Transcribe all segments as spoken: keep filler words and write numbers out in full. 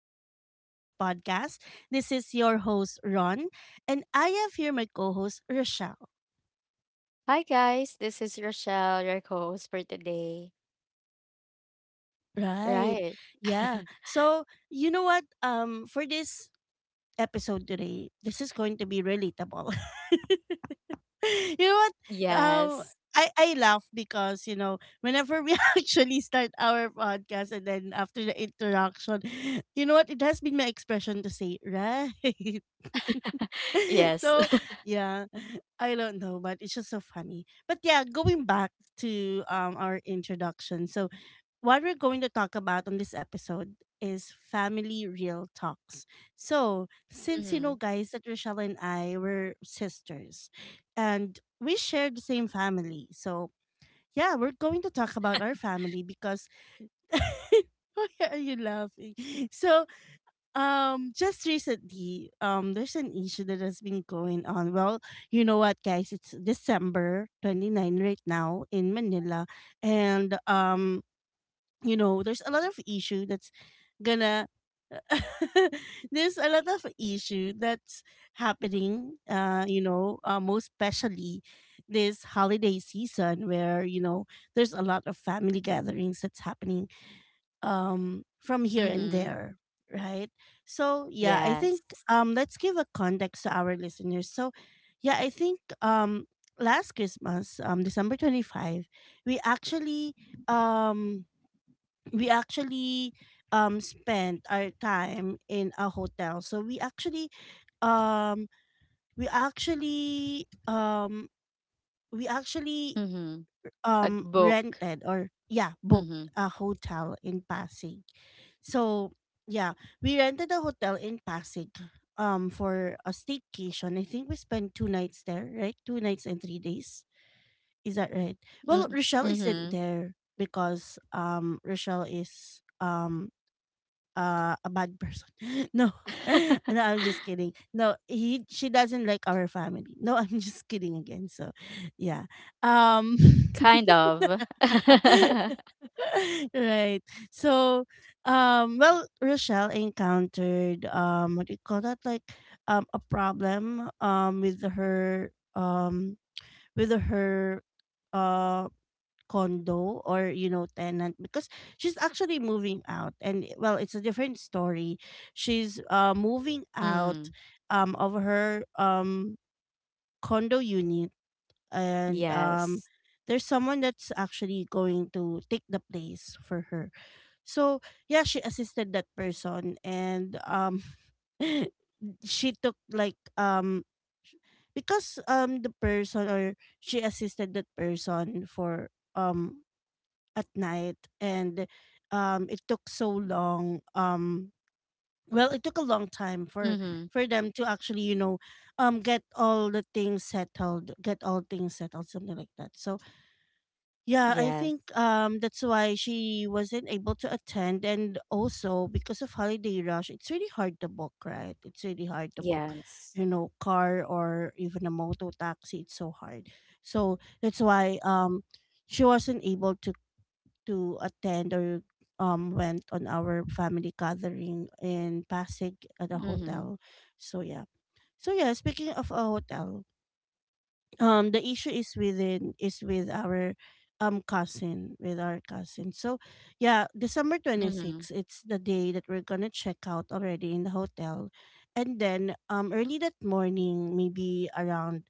Unfiltered Growth Podcast. This is your host, Ron, and I have here my co host, Rochelle. Hi guys, this is Rochelle, your host for today. Right. Right. Yeah. So, you know what? Um, for this episode today, this is going to be relatable. you know what? Um, yes. I, I laugh because, you know, whenever we actually start our podcast and then after the interaction, you know what? It has been my expression to say, right? Yes. so yeah, I don't know, but it's just so funny. But yeah, going back to um our introduction. So what we're going to talk about on this episode is family real talks. So since you know, Mm-hmm. guys, that Rochelle and I were sisters and we shared the same family, so yeah, we're going to talk about our family because why are you laughing? So um, just recently, um, there's an issue that has been going on. Well, you know what, guys? It's December 29 right now in Manila, and um, you know, there's a lot of issue that's gonna. There's a lot of issue that's happening. Uh, you know, uh, most especially this holiday season, where you know there's a lot of family gatherings that's happening um from here and Mm-hmm. there, right? So yeah, I think Yes. um let's give a context to our listeners. So yeah, I think um last Christmas, um December twenty-fifth, we actually um we actually um spent our time in a hotel. So we actually um we actually um we actually Mm-hmm. A um book. rented, or yeah, booked Mm-hmm. a hotel in Pasig. So yeah, we rented a hotel in Pasig um for a staycation. I think we spent two nights there, right? Two nights and three days. Is that right? Well, Rochelle isn't Mm-hmm. there because um Rochelle is um uh, a bad person. No. No, I'm just kidding. No, he she doesn't like our family. No, I'm just kidding again. So, yeah. Um kind of. right. So, um, well, Rochelle encountered um, what do you call that? Like, um, a problem um with her um with her uh condo, or you know, tenant, because she's actually moving out, and well, it's a different story. She's uh moving out Mm. um of her um condo unit, and um Yes. there's someone that's actually going to take the place for her. So yeah, she assisted that person, and um she took like um sh- because um the person, or she assisted that person for um at night, and um it took so long. um well, it took a long time for Mm-hmm. for them to actually, you know, um get all the things settled, get all things settled, something like that. So yeah, I Yes. think um that's why she wasn't able to attend, and also because of holiday rush, it's really hard to book, right? It's really hard to book, Yes. you know, car or even a moto taxi, it's so hard. So that's why um she wasn't able to to attend or um went on our family gathering in Pasig at a Mm-hmm. hotel. So yeah. So yeah, speaking of a hotel, um the issue is within is with our um cousin with our cousin. So yeah, December Mm-hmm. twenty-sixth, it's the day that we're gonna check out already in the hotel. And then um early that morning, maybe around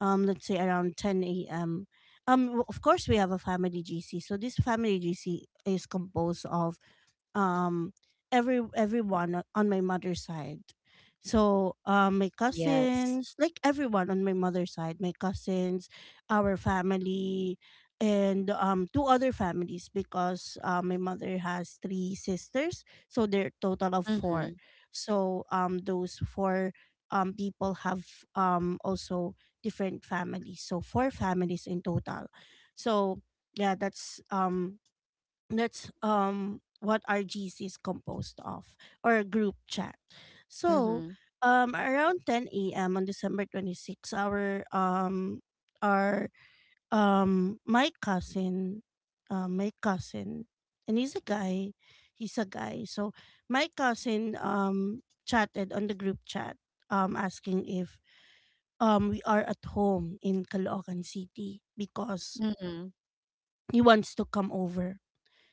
um let's say around ten a.m, um w- of course we have a family GC. So this family GC is composed of um every everyone o- on my mother's side. So um my Yes. cousins, like everyone on my mother's side, my cousins, our family, and um two other families, because uh, my mother has three sisters, so they're total of Mm-hmm. four. So um those four um people have um also different families. So four families in total. So yeah, that's um that's um what our G C is composed of, or group chat. So Mm-hmm. um around ten a m on December twenty-sixth, our um our um my cousin, uh, my cousin and he's a guy, he's a guy so my cousin um chatted on the group chat um asking if um we are at home in Caloocan City because Mm-hmm. he wants to come over,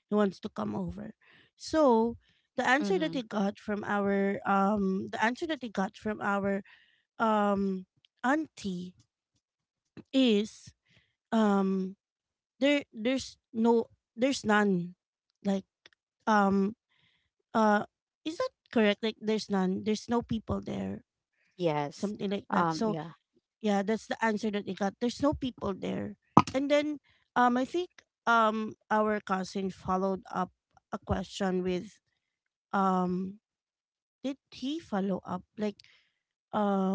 he wants to come over. So the answer that Mm-hmm. he got from our um the answer that he got from our um auntie is um there there's no there's none. Like, um uh is that correct? Like, there's none. There's no people there. Yes. Something like that. Um, So Yeah. yeah, that's the answer that he got. There's no people there. And then um I think um our cousin followed up a question with um did he follow up? Like,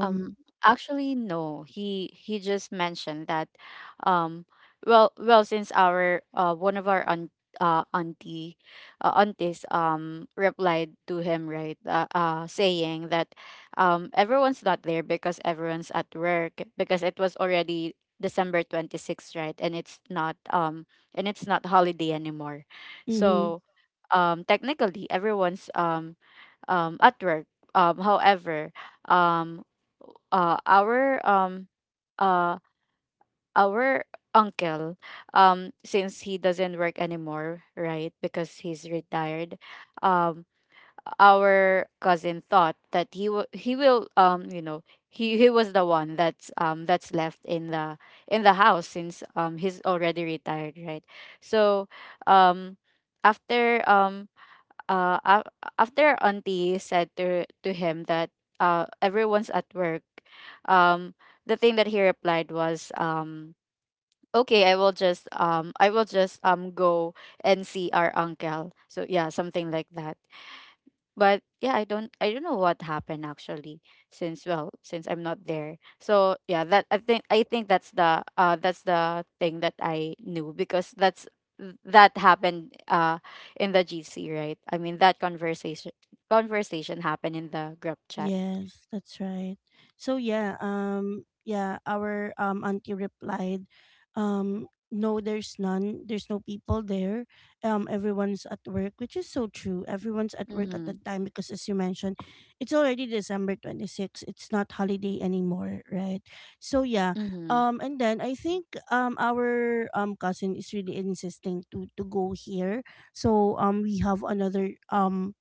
Um, Actually, no. He he just mentioned that, um, well, well, since our uh one of our aunt uh auntie uh, aunties um replied to him, right? Uh, uh saying that um everyone's not there because everyone's at work, because it was already December twenty-sixth, right? And it's not um and it's not holiday anymore. mhm. So um technically, everyone's um um at work. Um however, um uh our um uh our uncle, um since he doesn't work anymore, right? Because he's retired, um our cousin thought that he will he will um you know he he was the one that's um that's left in the in the house, since um he's already retired, right? So um after um uh af- after auntie said to to him that uh everyone's at work. um the thing that he replied was, um okay, i will just um i will just um go and see our uncle, so yeah, something like that. But yeah, I don't I don't know what happened, actually, since, well, since I'm not there. So yeah, that I think I think that's the uh that's the thing that I knew, because that's that happened uh in the G C, right? I mean, that conversation conversation happened in the group chat. Yes, that's right. So yeah, um yeah, our um auntie replied, um no, there's none. There's no people there. Um everyone's at work, which is so true. Everyone's at work at that Mhm. time, because as you mentioned, it's already December twenty-sixth. It's not holiday anymore, right? So yeah, Mhm. um and then I think um our um cousin is really insisting to to go here. So um we have another um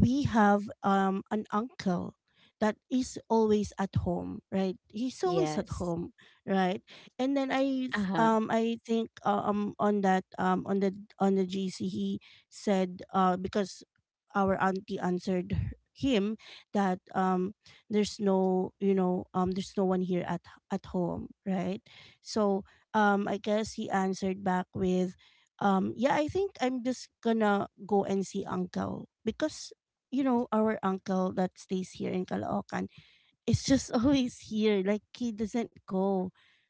we have um an uncle that is always at home, right? He's always at Yes. home, right? And then i s- Uh-huh. um I think, uh, um on that um on the on the GC, he said uh because our auntie answered h- him that um there's no, you know, um there's no one here at at home, right? So um I guess he answered back with um yeah, I think I'm just gonna go and see uncle, because you know, our uncle that stays here in Caloocan is just always here. Like, he doesn't go,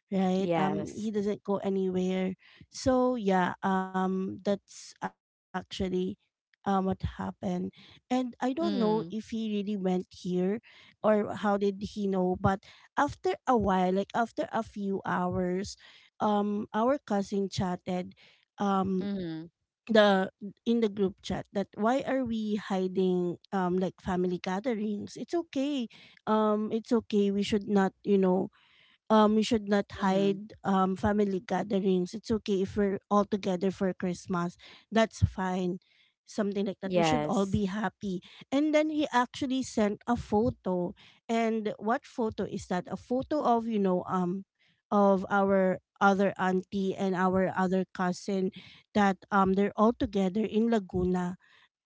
right? Um, he Yes. doesn't go anywhere. So yeah, um, that's actually um what happened. And I don't know if he Mm. really went here or how did he know, but after a while, like after a few hours, um, our cousin chatted um Mhm. the in the group chat that why are we hiding um like family gatherings, it's okay. um it's okay, we should not, you know, um we should not Mhm. hide um family gatherings. It's okay if we're all together for Christmas. That's fine. Something like that. We should all Yes. be happy. And then he actually sent a photo. And what photo is that? A photo of, you know, um of our other auntie and our other cousin, that um they're all together in Laguna,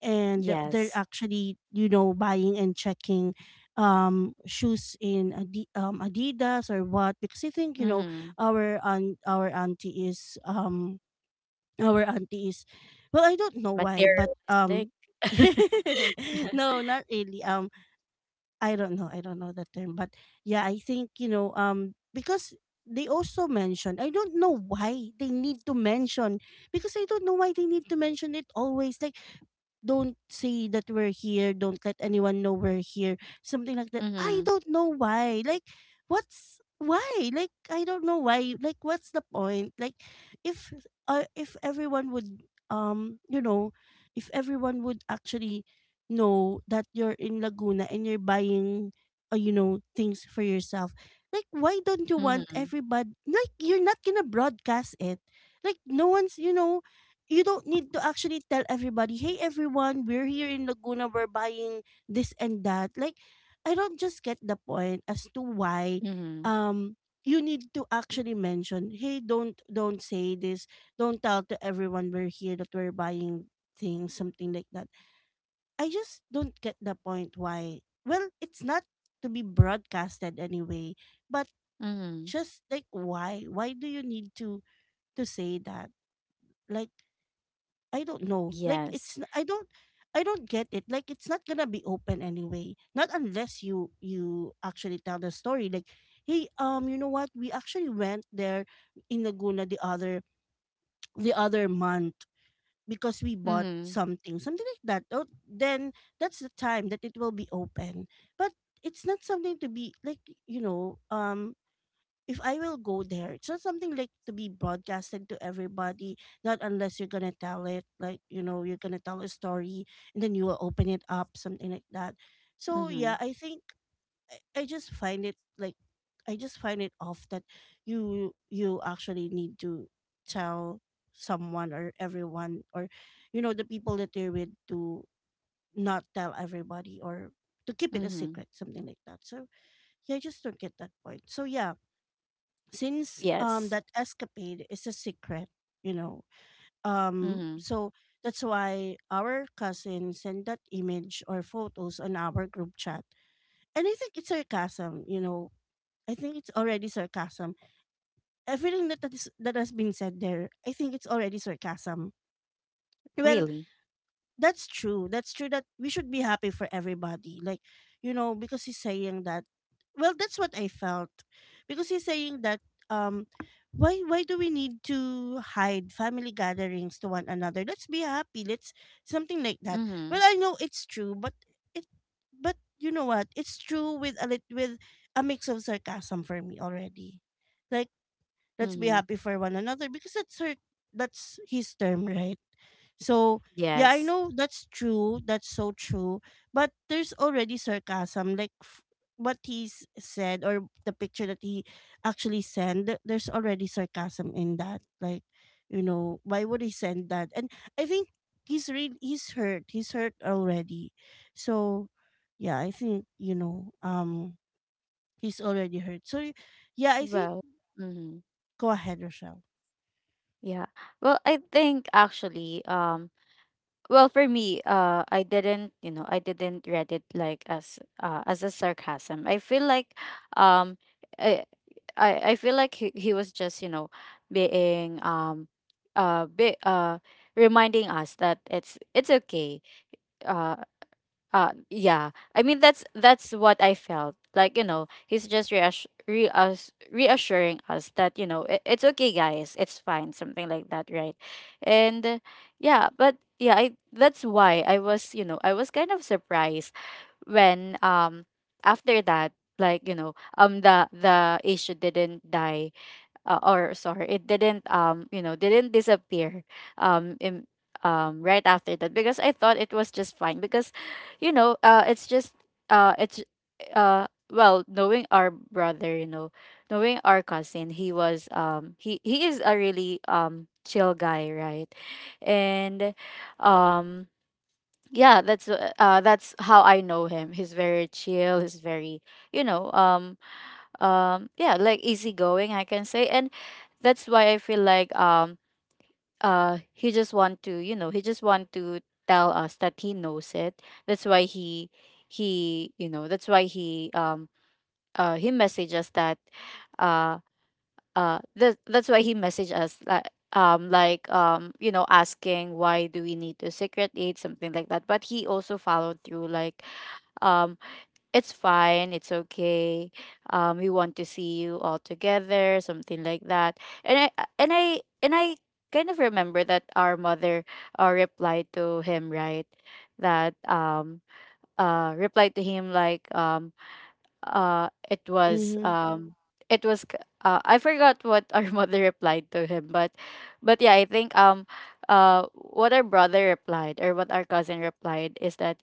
and they're Yes. actually, you know, buying and checking um shoes in Adi- um, Adidas or what, because I think you know Mhm. our aunt, our auntie is um our auntie is well, I don't know why, but Materialistic. um no, not really. um I don't know, I don't know the term, but yeah, I think, you know, um because they also mention, I don't know why they need to mention, because I don't know why they need to mention it always, like, don't say that we're here. Don't let anyone know we're here. Something like that. I Mm-hmm. don't know why. Like, what's why? Like, I don't know why. Like, what's the point? Like, if uh, if everyone would um, you know, if everyone would actually know that you're in Laguna and you're buying, uh, you know, things for yourself. Like, why don't you want Mm-hmm. everybody? Like, you're not gonna broadcast it. Like, no one's, you know, you don't need to actually tell everybody, hey everyone, we're here in Laguna, we're buying this and that. Like, I don't just get the point as to why Mhm. um you need to actually mention, hey, don't don't say this, don't tell to everyone we're here that we're buying things, something like that. I just don't get the point why. Well, it's not to be broadcasted anyway, but Mhm. just like why? Why do you need to to say that? Like, I don't know. Like, Yes. it's n- I don't I don't get it. Like, it's not gonna be open anyway. Not unless you you actually tell the story. Like, hey, um, you know what? We actually went there in Laguna the other the other month, because we bought Mhm. something, something like that. Oh, then that's the time that it will be open. But it's not something to be like, you know, um if I will go there, it's not something like to be broadcasted to everybody, not unless you're gonna tell it, like, you know, you're gonna tell a story and then you will open it up, something like that. So Mhm. yeah, I think I, I just find it like I just find it off that you you actually need to tell someone or everyone, or you know, the people that you're with, to not tell everybody or to keep it a Mhm. secret, something like that. So yeah, I just don't get that point. So yeah, since um Yes. that escapade is a secret, you know um Mhm. so that's why our cousin sent that image or photos on our group chat. And I think it's sarcasm, you know I think it's already sarcasm. Everything that that, is, that has been said there, I think it's already sarcasm. well Really. That's true. That's true that we should be happy for everybody. Like, you know, because he's saying that, well, that's what I felt. Because he's saying that, um why why do we need to hide family gatherings to one another? Let's be happy. Let's, something like that. Mhm. Well, I know it's true, but it but you know what? It's true with a lit- with a mix of sarcasm for me already. Like, let's be Mhm. happy for one another because that's her that's his term, right? So yeah, I Yes. know that's true. That's so true. But there's already sarcasm, like f- what he s- said or the picture that he actually sent. th- There's already sarcasm in that. Like, you know, why would he send that? And I think he's really he's hurt. He's hurt already. So yeah, I think, you know um he's already hurt. So yeah, I think, Well. Mhm. go ahead, Rochelle. Yeah. Well, I think actually, um well, for me, uh I didn't, you know, I didn't read it like as uh as a sarcasm. I feel like um I I, I feel like he, he was just, you know, being um uh be, uh reminding us that it's it's okay. Uh. Uh, yeah. I mean, that's that's what I felt. Like, you know, he's just reassur- reass- reassuring us that, you know, it- it's okay, guys. It's fine, something like that, right? And uh, yeah, but yeah, I that's why I was, you know, I was kind of surprised when, um after that. Like, you know, um the the issue didn't die. Uh, or sorry, it didn't, um you know didn't disappear um in, um right after that, because I thought it was just fine, because, you know, uh it's just uh it's uh well, knowing our brother you know knowing our cousin. He was, um he he is a really um chill guy, right? And um yeah, that's uh uh, that's how I know him. He's very chill. He's very, you know, um um yeah, like easygoing, I can say. And that's why I feel like, um uh he just want to you know he just want to tell us that he knows it. That's why he, he you know that's why he um uh he messaged us that, uh uh that, that's why he messaged us, like, um like, um you know asking why do we need to secret aid, something like that. But he also followed through, like, um it's fine, it's okay. Um, we want to see you all together, something like that. And I uh, and I and I kind of remember that our mother uh, replied to him, right? That um uh replied to him, like, um uh it was Mm-hmm. um it was k- uh, I forgot what our mother replied to him. but but yeah, I think, um uh what our brother replied, or what our cousin replied, is that,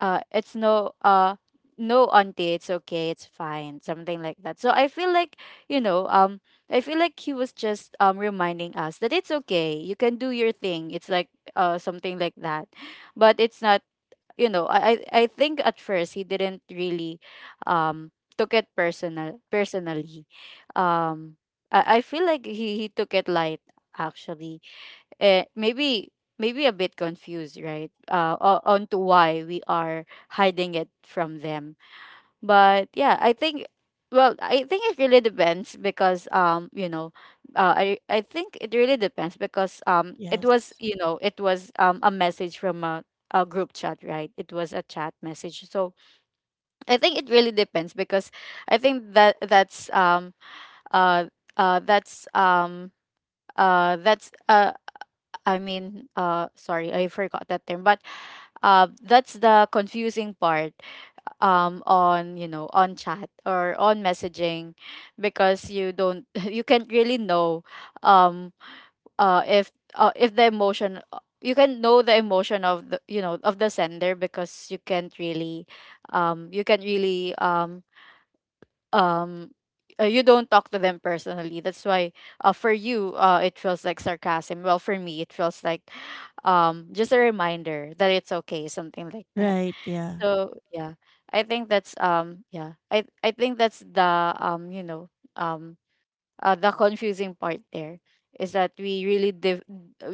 uh it's no, uh no auntie, it's okay, it's fine, something like that. So I feel like you know um I feel like he was just um reminding us that it's okay, you can do your thing. It's like, uh something like that. But it's not, you know, i i I think at first he didn't really, um took it personal personally. um i, I feel like he he took it light, actually. eh, maybe maybe a bit confused, right? Uh, o- on to why we are hiding it from them. But yeah, I think, well, I think it really depends because, um, you know, uh, I I think it really depends because, um, it was Yes. you know it was um a message from a a group chat, right? It was a chat message. So I think it really depends because I think that, that's um uh uh that's um uh that's a, I mean, uh, sorry, I forgot that term, but uh, that's the confusing part, um, on you know on chat or on messaging, because you don't you can't really know, um, uh, if uh, if the emotion, you can know the emotion of the you know of the sender, because you can't really um, you can't really um, um uh, you don't talk to them personally, that's why, uh, for you, uh, it feels like sarcasm. Well, for me it feels like um just a reminder that it's okay, something like that. Right. Yeah. So yeah, I think that's, um yeah, i I think that's the, um you know um uh, the confusing part there is that we really div-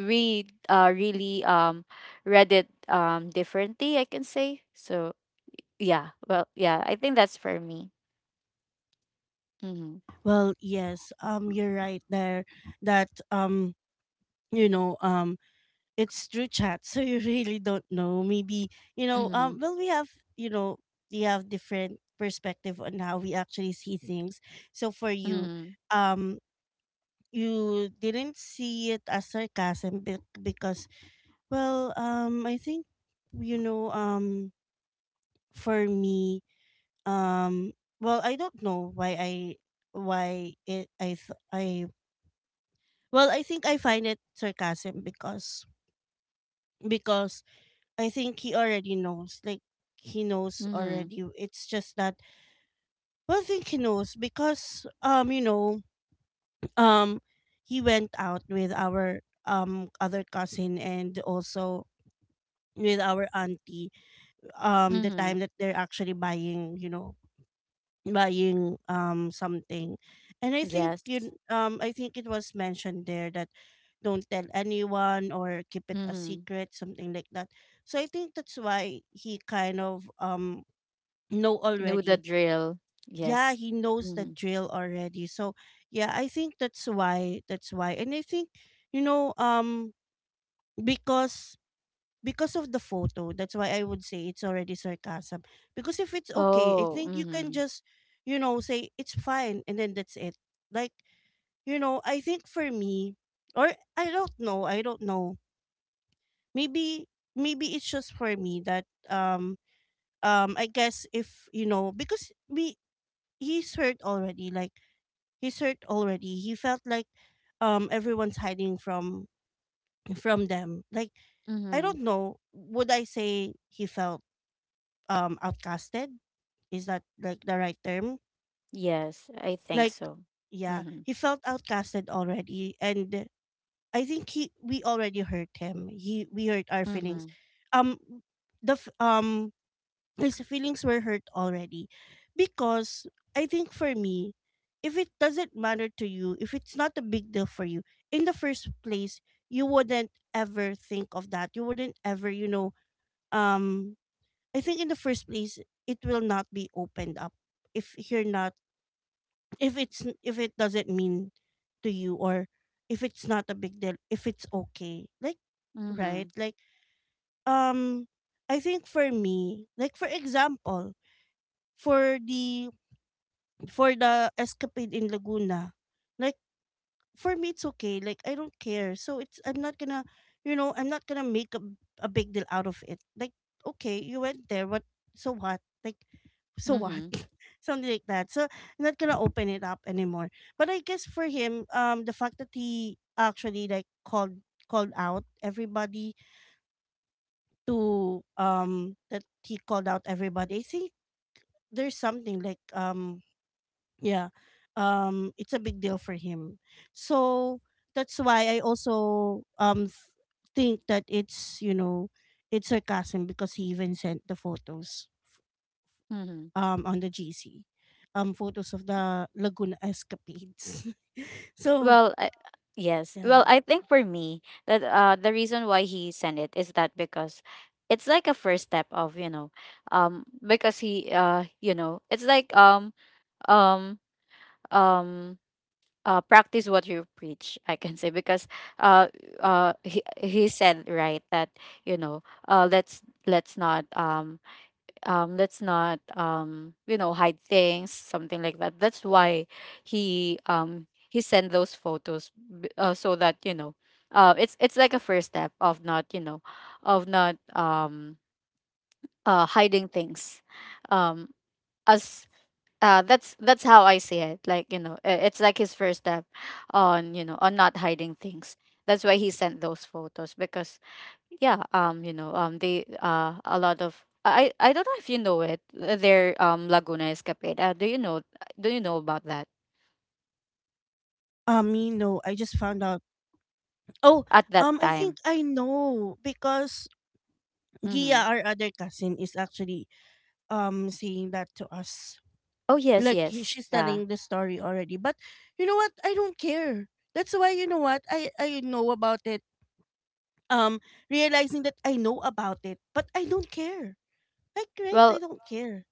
we uh really um read it, um differently, I can say. So yeah, well, yeah, I think that's for me. Mm-hmm. Well, yes, um, you're right there that, um, you know, um, it's through chat, so you really don't know. Maybe, you know, Mm-hmm. um, well, we have, you know, we have different perspective on how we actually see things. So for you, Mhm. um, you didn't see it as sarcasm be- because, well, um, I think, you know, um, for me, um, well, I don't know why I why it I th- I Well, I think I find it sarcasm because because I think he already knows. Like, he knows Mhm. already. It's just that, well, I think he knows because um you know um he went out with our um other cousin and also with our auntie um the time Mhm. that they're actually buying, you know buying um something. And i think Yes. you um I think it was mentioned there that don't tell anyone or keep it a Mhm. secret, something like that. So I think that's why he kind of um know Know the already. drill. Yeah, Yes. he knows the Mhm. drill already. So yeah, I think that's why, that's why and I think, you know um because because of the photo. That's why I would say it's already sarcasm. Because if it's okay, I Oh. think you can Mhm. just, you know, say it's fine and then that's it. Like, you know, I think for me, or, I don't know, I don't know. Maybe, maybe it's just for me that, um um I guess, if you know because we he's hurt already. Like, he's hurt already. He felt like um everyone's hiding from from them. Like, I Mhm. don't know, would I say he felt um outcasted? Is that like the right term? Yes, I think Like, so. yeah, Mhm. he felt outcasted already. And I think he we already hurt him, he we hurt our feelings. Mhm. um the f- um his feelings were hurt already because, I think for me, if it doesn't matter to you, if it's not a big deal for you in the first place, you wouldn't ever think of that. You wouldn't ever, you know, um I think in the first place, it will not be opened up if you're not, if it's n- if it doesn't mean to you, or if it's not a big deal, if it's okay. Like, right, Mhm. like, um I think for me, like, for example, for the for the escapade in Laguna. Like, for me it's okay, like I don't care, so it's, I'm not gonna, you know, I'm not gonna make a, a big deal out of it. Like, okay, you went there, what? So what? Like, so what? Mhm. Something like that. So I'm not gonna open it up anymore. But I guess for him, um the fact that he actually like called, called out everybody to um that he called out everybody, I think there's something like um yeah, um it's a big deal for him. So that's why I also um f- think that it's, you know, it's sarcasm because he even sent the photos Mhm. um on the gc, um photos of the Laguna escapades. So Well, I, yes. yeah, Well, I think for me that uh the reason why he sent it is that, because it's like a first step of, you know, um because he, uh you know, it's like, um um um uh, practice what you preach, I can say. Because uh, uh, he, he said, right, that, you know, uh, let's let's not um, um, let's not um, you know hide things, something like that. That's why he, um, he sent those photos, b- uh, so that, you know, uh, it's it's like a first step of not, you know of not um, uh, hiding things, um, as, uh that's that's how I see it. Like, you know, i- it's like his first step on, you know, on not hiding things. That's why he sent those photos, because, yeah, um you know um they, uh a lot of, i i I don't know if you know it, uh, their um Laguna escapade. Uh, do you know do you know about that um you know, I just found out. Oh, at that um I think time? I know because Gia, Mm-hmm. our other cousin, is actually um saying that to us. Oh, yes, Like he, yes, she's yeah. telling the story already, but you know what, I don't care. That's why, you know what, i i know about it. um Realizing that I know about it, but I don't care. Like, right, Well, I don't care.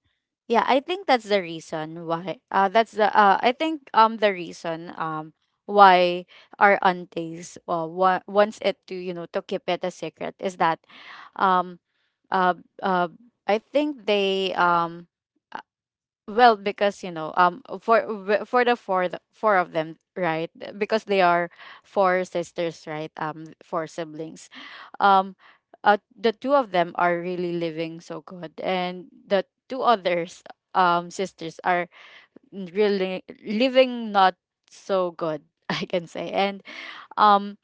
yeah, I think that's the reason why. Uh, that's the. Uh, I think um the reason, um why our aunties, uh wa- wants it to, you know, to keep it a secret is that, um uh uh I think they, um. Well, because, you know, um, for w- for the four th- four of them, right? Because they are four sisters, right? Um, four siblings. Um, uh, the two of them are really living so good, and the two others, um, sisters are, n- really living not so good, I can say. And um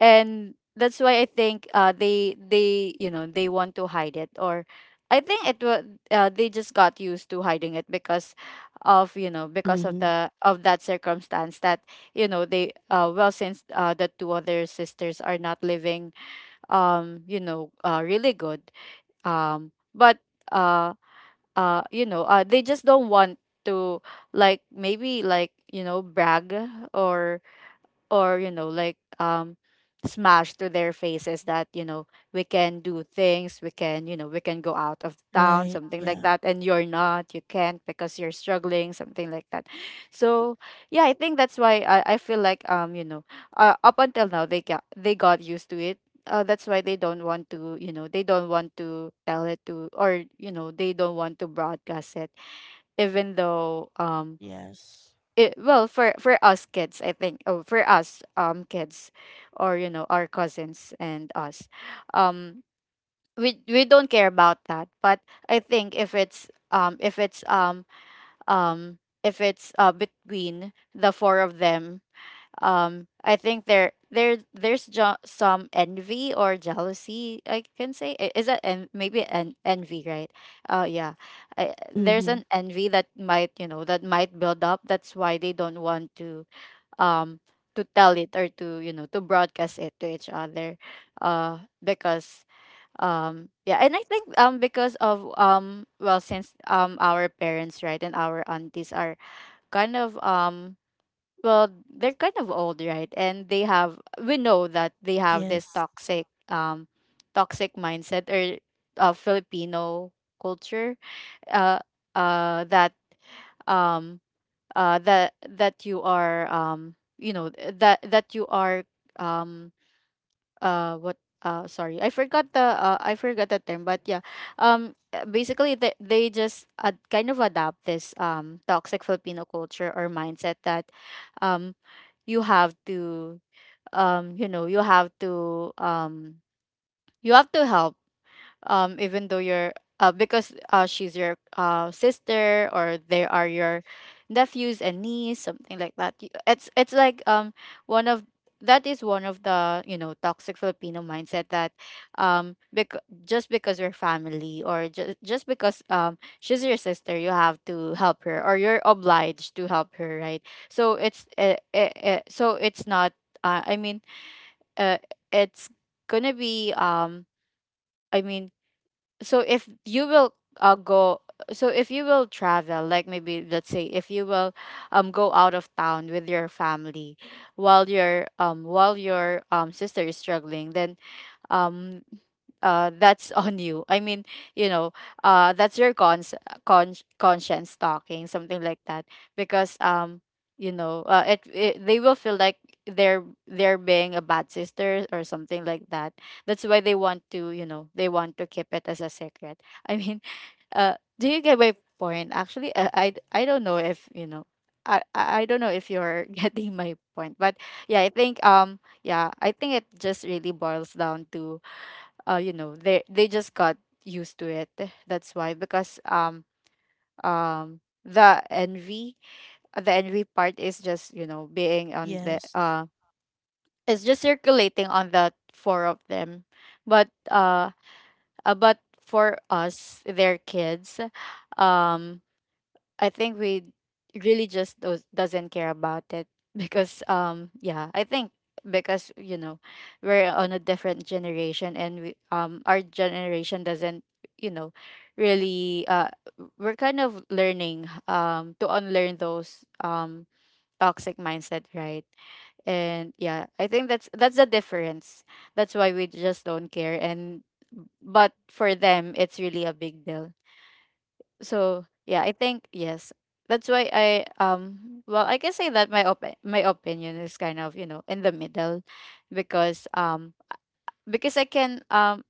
and that's why I think, uh they they you know they want to hide it. Or I think it was, uh, they just got used to hiding it, because of, you know, because of Mm-hmm. the of that circumstance, that, you know, they, uh well, since, uh the two other sisters are not living, um you know uh really good, um but, uh uh you know uh they just don't want to, like, maybe, like, you know, brag, or or, you know, like, um smash to their faces, that, you know, we can do things, we can, you know we can go out of town, Right, something like yeah. that, and you're not, you can't, because you're struggling, something like that. So yeah, I think that's why, i, I feel like, um you know, uh, up until now, they got they got used to it. Uh, that's why they don't want to you know they don't want to tell it to, or, you know, they don't want to broadcast it, even though, um Yes. it, well, for for us kids, I think. Oh, for us, um kids, or, you know, our cousins and us, um we we don't care about that. But I think if it's um if it's um um if it's uh between the four of them, um I think there there there's jo- some envy or jealousy, I can say. I- is that en- maybe an envy, right? Uh yeah, I, there's Mm-hmm. an envy that might, you know that might build up, that's why they don't want to, um to tell it, or to, you know, to broadcast it to each other, uh because, um yeah. And I think, um because of, um well, since, um our parents, right, and our aunties are kind of, um well they're kind of old, right? And they have, we know that they have this Yes, toxic um toxic mindset or uh, Filipino culture uh uh that um uh, that that you are um you know th- that that you are um uh what uh sorry, I forgot the uh, I forgot the term, but yeah. Um uh, basically, they, they just ad- kind of adapt this um toxic Filipino culture or mindset that um you have to um you know you have to um you have to help, um even though you're uh because uh she's your uh sister or they are your nephews and niece, something like that. Y- it's it's like um one of, that is one of the, you know, toxic Filipino mindset that um bec- just because you're family or just just because um she's your sister, you have to help her or you're obliged to help her, right? So it's uh, uh, uh, so it's not, uh, i mean uh, it's gonna be um I mean so if you will uh, go so if you will travel, like maybe let's say if you will um go out of town with your family while your um while your um sister is struggling, then um uh that's on you, I mean, you know, uh that's your cons con- conscience talking, something like that. Because um you know, uh, it, it they will feel like they're they're being a bad sister or something like that. That's why they want to, you know, they want to keep it as a secret. I mean, uh do you get my point? Actually, i i, I don't know if you know, I, I I don't know if you're getting my point, but yeah, I think um yeah, I think it just really boils down to uh you know, they they just got used to it. That's why, because um um the envy, the envy part is just, you know, being on the yes, uh it's just circulating on the four of them, but uh uh, but for us, their kids, um I think we really just does, doesn't care about it because um yeah, I think, because you know, we're on a different generation, and we um our generation doesn't, you know, really uh we're kind of learning um to unlearn those um toxic mindset, right? And yeah, I think that's that's the difference. That's why we just don't care. And but for them, it's really a big deal. So yeah, I think yes. That's why I um well, I can say that my op my opinion is kind of, you know, in the middle, because um because I can um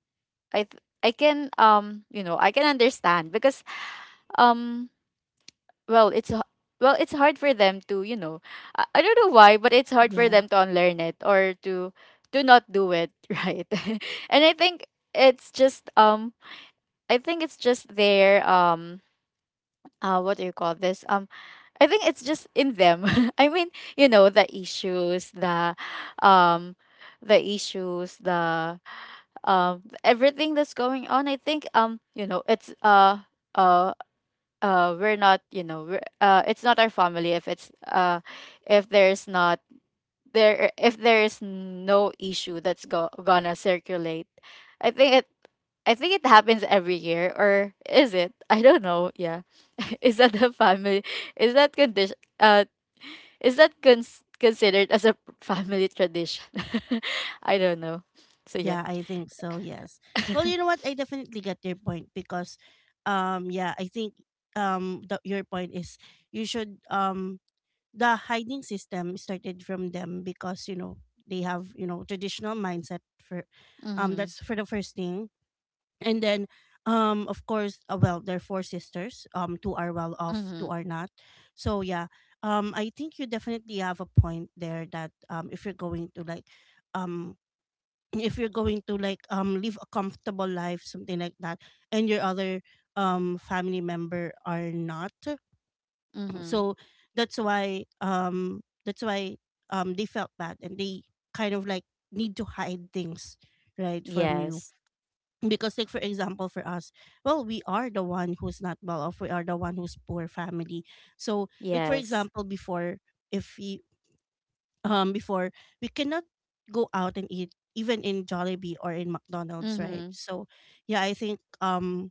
I th- I can um you know, I can understand because um well it's h- well, it's hard for them to, you know, I, I don't know why, but it's hard for yeah. them to unlearn it or to to not do it right, and I think it's just um I think it's just their um uh what do you call this? Um, I think it's just in them. I mean, you know, the issues, the um the issues, the um everything that's going on. I think um, you know, it's uh uh uh we're not, you know, we're, uh it's not our family if it's uh if there's not there, if there is no issue that's go- gonna circulate. I think it I think it happens every year or is it? I don't know. Yeah. Is that the family? Is that condition uh is that cons- considered as a family tradition? I don't know. So yeah. Yeah, I think so, yes. Well, you know what, I definitely get your point because, um yeah, I think um the, your point is, you should, um the hiding system started from them because, you know, they have, you know, traditional mindset for, um Mhm. that's for the first thing. And then, um of course, uh, well, there are four sisters, um two are well off, two Mhm. are not. So yeah, um I think you definitely have a point there that, um if you're going to like, um if you're going to like um live a comfortable life, something like that, and your other um family member are not. Mhm. So that's why, um that's why um they felt bad and they kind of like need to hide things, right, from you, Yes. because, like for example, for us, well, we are the one who's not well off, we are the one who's poor family. So like, for Yes. example, before, if we, um before we cannot go out and eat, even in Jollibee or in McDonald's, right? Mhm. So yeah, I think, um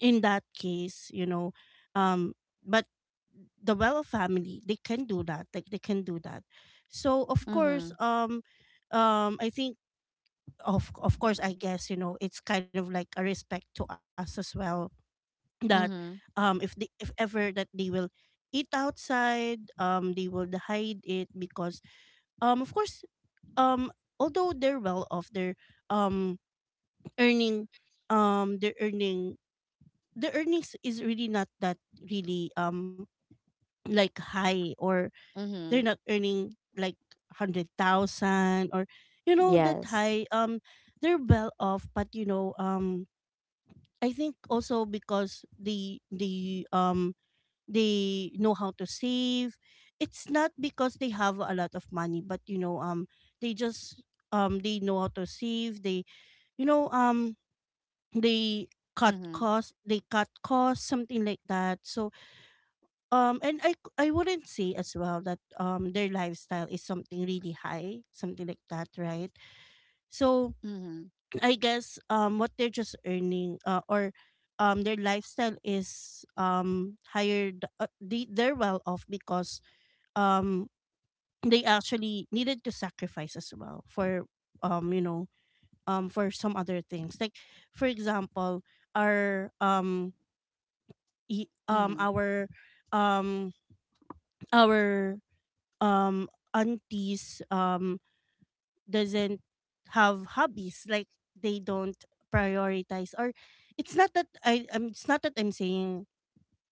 in that case you know um but the well off family they can do that, like they can do that. So of course, Mhm. um um I think, of of course, I guess, you know, it's kind of like a respect to us as well that, Mhm. um if they, if ever that they will eat outside, um they will hide it because, um of course, um although they're well off, they're um earning, um they're earning the earnings is really not that really um like high, or they're Mhm. not earning like one hundred thousand or, you know, that Yes. high. Um they're well off, but, you know, um I think also because the the um they know how to save. It's not because they have a lot of money, but, you know, um they just, um they know how to save, they, you know, um they cut Mhm. costs, they cut costs something like that. So, um, and I c- I wouldn't say as well that um their lifestyle is something really high, something like that, right? So Mhm. I guess um what they're just earning, uh, or um their lifestyle is, um higher th- uh, they, they're well off because um they actually needed to sacrifice as well for, um you know um for some other things, like for example, our um e- um Mhm. our um our um aunties um doesn't have hobbies. Like, they don't prioritize, or it's not that I um, it's not that I'm saying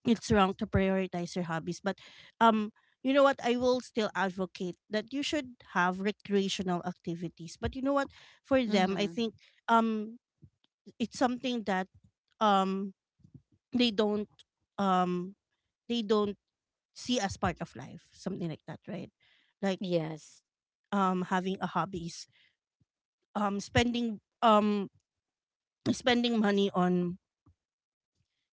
it's wrong to prioritize your hobbies, but um you know what, I will still advocate that you should have recreational activities. But you know what, for them I Mhm. think um it's something that um they don't, um they don't see as part of life, something like that, right? Like Yes. um having a hobby, um spending um spending money on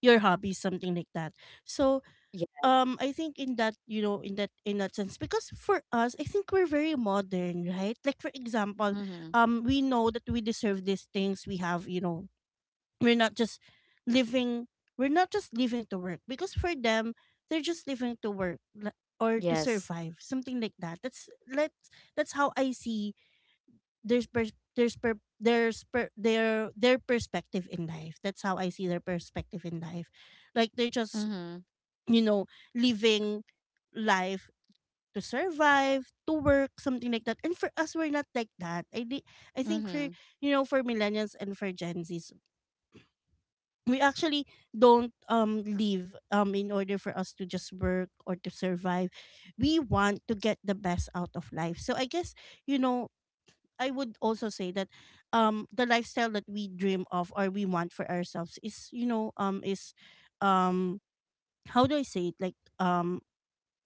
your hobbies, something like that. So Yeah. um I think in that, you know, in that, in that sense, because for us I think we're very modern, right? Like for example, Mhm. um we know that we deserve these things, we have, you know, we're not just living, we're not just living to work, because for them they're just living to work, li- or to Yes. survive, something like that. That's let that's how I see. There's pers- there's per- there's per- their their perspective in life. That's how I see their perspective in life. Like, they're just, Mhm. you know, living life to survive, to work, something like that. And for us, we're not like that. I di- I think for, Mhm. you know, for millennials and for Gen Zs, we actually don't um live um in order for us to just work or to survive. We want to get the best out of life. So I guess, you know, I would also say that um the lifestyle that we dream of or we want for ourselves is, you know, um is um how do I say it, like um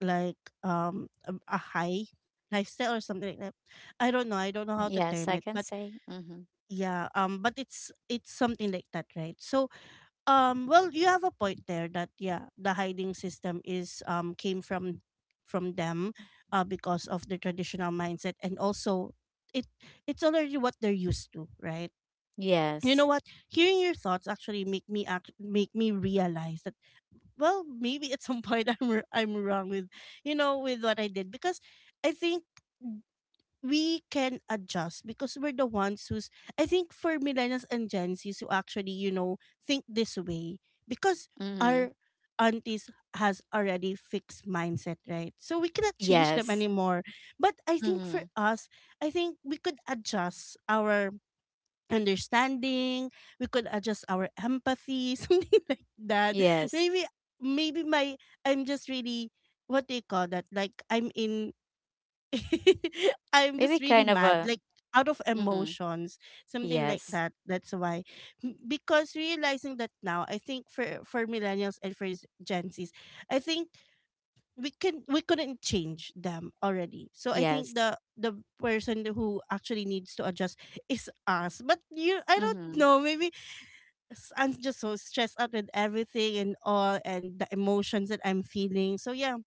like um a, a high lifestyle or something like that. I don't know, I don't know how to Yes, term I it, can but say. Mhm. yeah, um but it's it's something like that, right? So, um, well, you have a point there that, yeah, the hiding system is, um came from from them, uh, because of the traditional mindset, and also it, it's already what they're used to, right? You know Yes. what? Hearing your thoughts actually make me act make me realize that, well, maybe at some point I'm r- I'm wrong with you know with what I did. Because I think we can adjust, because we're the ones who's, I think, for millennials and Gen Zs who actually, you know, think this way, because our Mhm. aunties has already fixed mindset, right? So we cannot change them Yes. anymore. But I think for Mhm. us, I think we could adjust our understanding, we could adjust our empathy, something like that. Yes. Maybe maybe my I'm just really, what do you call that? Like, I'm in I'm just Maybe really kind of mad, a like out of mhm. emotions, something like Yes. that. That's why. M- because realizing that now, I think for for millennials and for Z- Gen Zs, I think we can we couldn't change them already. So I think Yes. the the person who actually needs to adjust is us. But you, I don't Mhm. know. Maybe s- I'm just so stressed out with everything and all, and the emotions that I'm feeling. So yeah.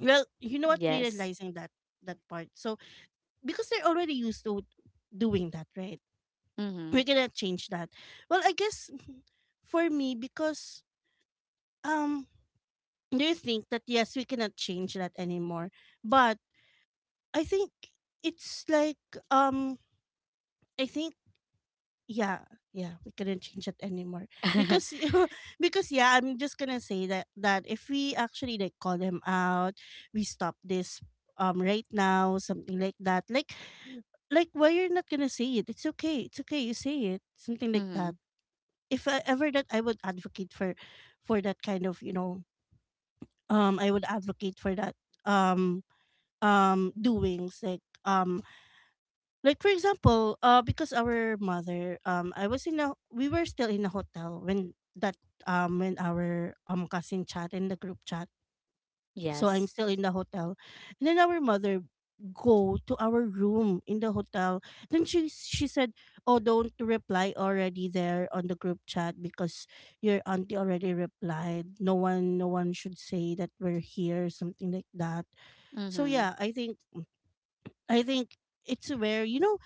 Well, you know what? Yes. Realizing that, that part. So because they're already used to doing that, right? We Mhm. cannot change that. Well, I guess for me, because um, do you think that, yes, we cannot change that anymore? But I think it's like, um, I think, yeah yeah, we couldn't change it anymore, Mhm. because because, yeah, I'm just gonna say that, that if we actually like call him out, we stop this um right now, something like that. like like why you're not gonna say it? It's okay, it's okay, you say it, something like that. If I, ever that I would advocate for for that kind of, you know, um I would advocate for that, um um doings like, um like for example, uh, because our mother, um, I was in a, we were still in a hotel when that, um, when our um cousin chat in the group chat. So I'm Yes. still in the hotel, and then our mother go to our room in the hotel. Then she she said, "Oh, don't reply already there on the group chat because your auntie already replied. No one, no one should say that we're here, something like that." So Mhm. yeah, I think, I think it's where, you know,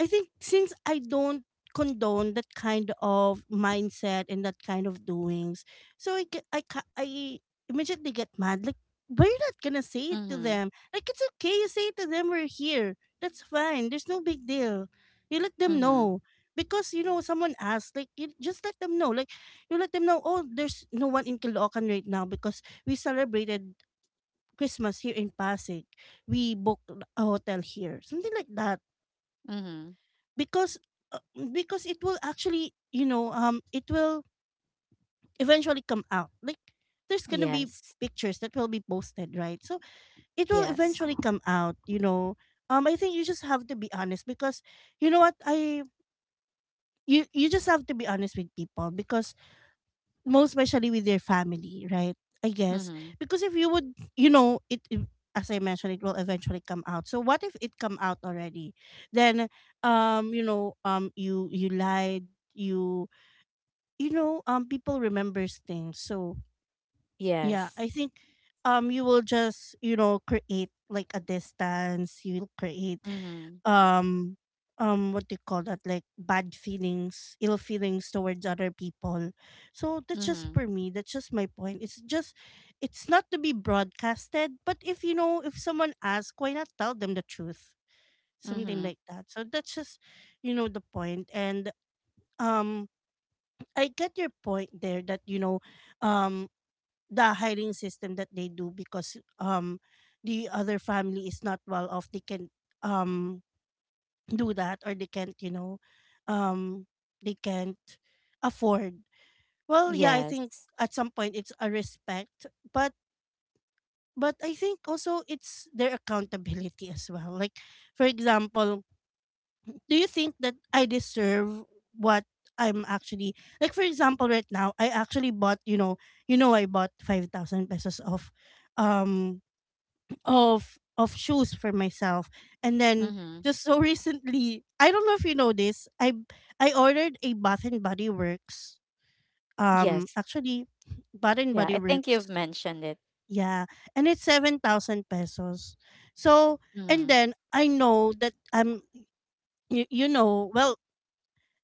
I think since I don't condone that kind of mindset and that kind of doings, so I ca- I ca- I immediately get mad. Like, we're not gonna say it to Mhm. them. Like, it's okay. You say it to them. We're here. That's fine. There's no big deal. You let them Mhm. know, because you know someone asked. Like, you just let them know. Like, you let them know. Oh, there's no one in Caloocan right now because we celebrated Christmas here in Pasig. We booked a hotel here. Something like that, Mhm. because uh, mm, because it will actually, you know, um it will eventually come out, like there's gonna be Yes. pictures that will be posted, right? So it will Yes. eventually come out, you know. um I think you just have to be honest, because you know what I you you just have to be honest with people, because most especially with your family, right? I guess. Mhm. Because if you would, you know, it, it, as I mentioned, it will eventually come out. So what if it come out already? Then um you know, um you you lied, you you know, um, people remembers things. So yeah, Yes. I think, um, you will just, you know, create like a distance. You'll create, Mhm. um, um, what do you call that? Like, bad feelings, ill feelings towards other people. So that's just Mhm. for me. That's just my point. It's just, it's not to be broadcasted. But if you know, if someone asks, why not tell them the truth? Something Mhm. like that. So that's just, you know, the point. And um, I get your point there that, you know, um the hiring system that they do, because um the other family is not well off, they can um do that, or they can't, you know, um they can't afford. Well, yeah, I Yes. think at some point it's a respect, but but I think also it's their accountability as well. Like, for example, do you think that I deserve what I'm actually, like, for example, right now I actually bought, you know, you know, I bought five thousand pesos of um of of shoes for myself. And then, Mhm. just so recently, I don't know if you know this, I I ordered a Bath and Body Works, um Yes. actually, Bath and Yeah, Body I think Works, you've mentioned it. yeah, and it's seven thousand pesos. So, and Mhm. then, I know that I'm, you, you know well,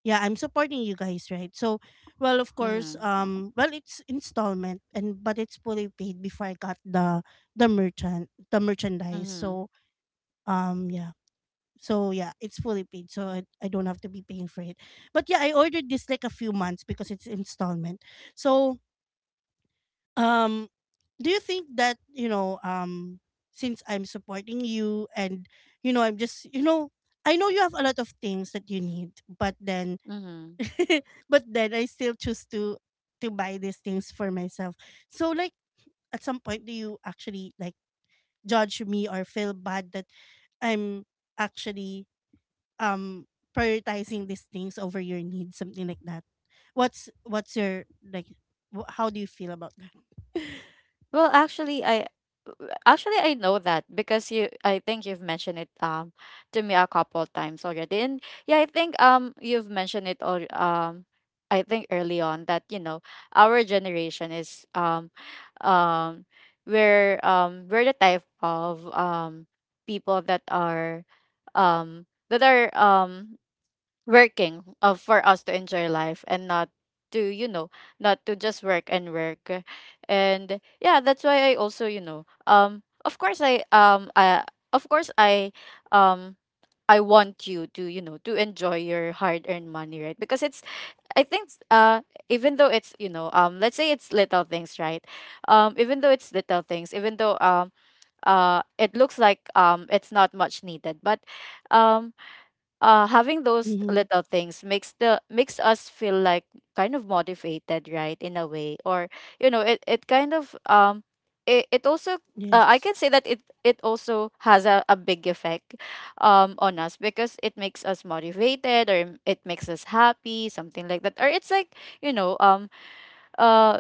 yeah, I'm supporting you guys, right? So, well, of course, Mhm. um well, it's installment, and but it's fully paid before I got the the merchant the merchandise. Mhm. So um yeah, so yeah, it's fully paid. So I, I don't have to be paying for it. But yeah, I ordered this like a few months because it's installment. So um do you think that, you know, um since I'm supporting you, and you know, I'm just, you know, I know you have a lot of things that you need, but then Mhm. but then I still choose to to buy these things for myself. So, like, at some point, do you actually, like, judge me or feel bad that I'm actually um prioritizing these things over your needs, something like that? What's what's your, like, wh- how do you feel about that? Well, actually, I actually I know that, because you, I think you've mentioned it um to me a couple times already. And yeah, I think um you've mentioned it all um I think early on that, you know, our generation is um um we're um we're the type of um people that are um that are um working uh, for us to enjoy life and not to, you know, not to just work and work. And yeah, that's why I also, you know, um of course, i um I, of course I um I want you to, you know, to enjoy your hard earned money, right? Because it's, I think uh even though it's, you know, um let's say it's little things, right? Um even though it's little things, even though um uh it looks like um it's not much needed, but um uh having those Mm-hmm. little things makes the, makes us feel like kind of motivated, right? In a way, or you know, it, it kind of, um it, it also uh, I Yes. can say that it it also has a, a big effect um on us, because it makes us motivated or it makes us happy, something like that, or it's like, you know, um uh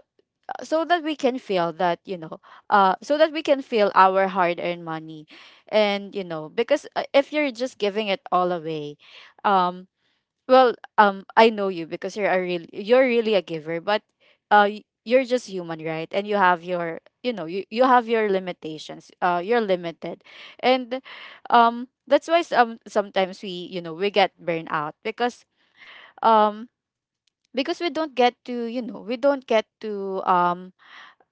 so that we can feel that, you know, uh so that we can feel our hard earned money. And you know, because uh, if you're just giving it all away, um well, um I know you, because you're a real, you're really a giver, but uh y- you're just human, right? And you have your, you know, you, you have your limitations, uh you're limited. And um that's why some sometimes we, you know, we get burned out, because um because we don't get to, you know, we don't get to um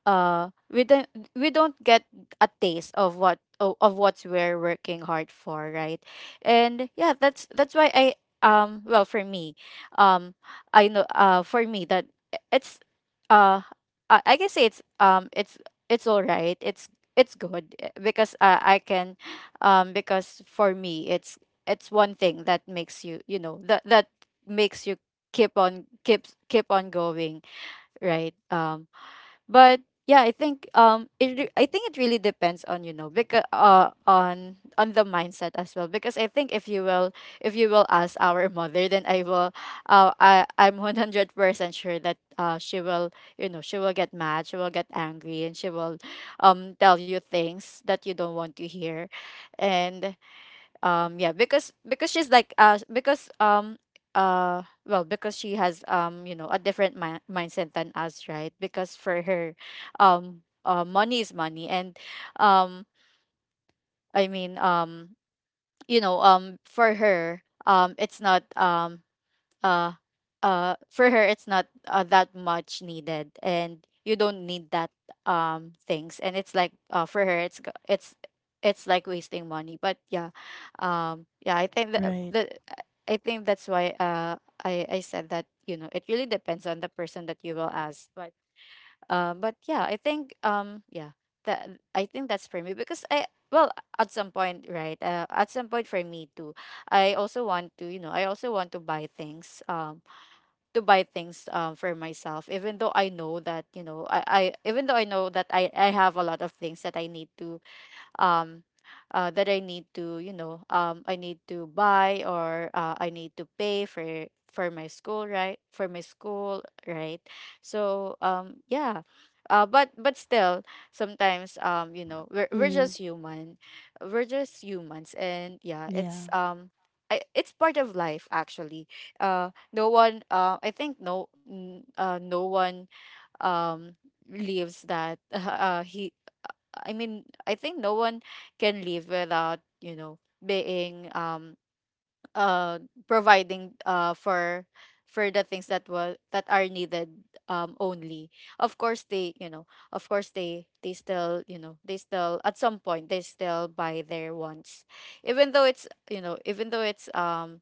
uh we don't, we don't get a taste of what, of, of what we're working hard for, right? And yeah, that's that's why I, um well, for me, um I know, uh for me, that it's uh i, I can say it's um it's it's all right, it's it's good, eh, because uh, I can um because for me, it's it's one thing that makes you, you know, that that makes you keep on, keep keep on going, right? Um but yeah, I think um it re- I think it really depends on, you know, because uh on on the mindset as well, because I think if you will, if you will ask our mother, then I will uh, i i'm one hundred percent sure that uh she will, you know, she will get mad, she will get angry, and she will um tell you things that you don't want to hear. And um yeah, because because she's like uh because um uh well, because she has um you know, a different mi- mindset than us, right? Because for her, um uh, money is money, and um i mean um you know, um for her, um it's not um uh uh for her, it's not uh, that much needed, and you don't need that um things, and it's like, uh for her, it's go- it's it's like wasting money. But yeah, um yeah, I think that Right. the, I think that's why uh i i said that, you know, it really depends on the person that you will ask. But uh but yeah, I think um yeah, that I think that's for me, because I, well, at some point, right, uh, at some point, for me too, I also want to, you know, I also want to buy things, um to buy things um for myself, even though I know that, you know, i i even though I know that i i have a lot of things that I need to, um uh, that I need to, you know, um, I need to buy, or uh, I need to pay for for my school, right? For my school, right? So, um, yeah, uh, but but still, sometimes, um, you know, we're we're Mm-hmm. just human, we're just humans, and yeah, Yeah. it's um. I, it's part of life, actually. Uh no one, uh I think no n- uh no one um lives that uh, he I mean, I think no one can live without, you know, being um uh providing uh for for the things that was that are needed um only. Of course, they, you know, of course, they they still, you know, they still at some point, they still buy their wants. Even though it's, you know, even though it's um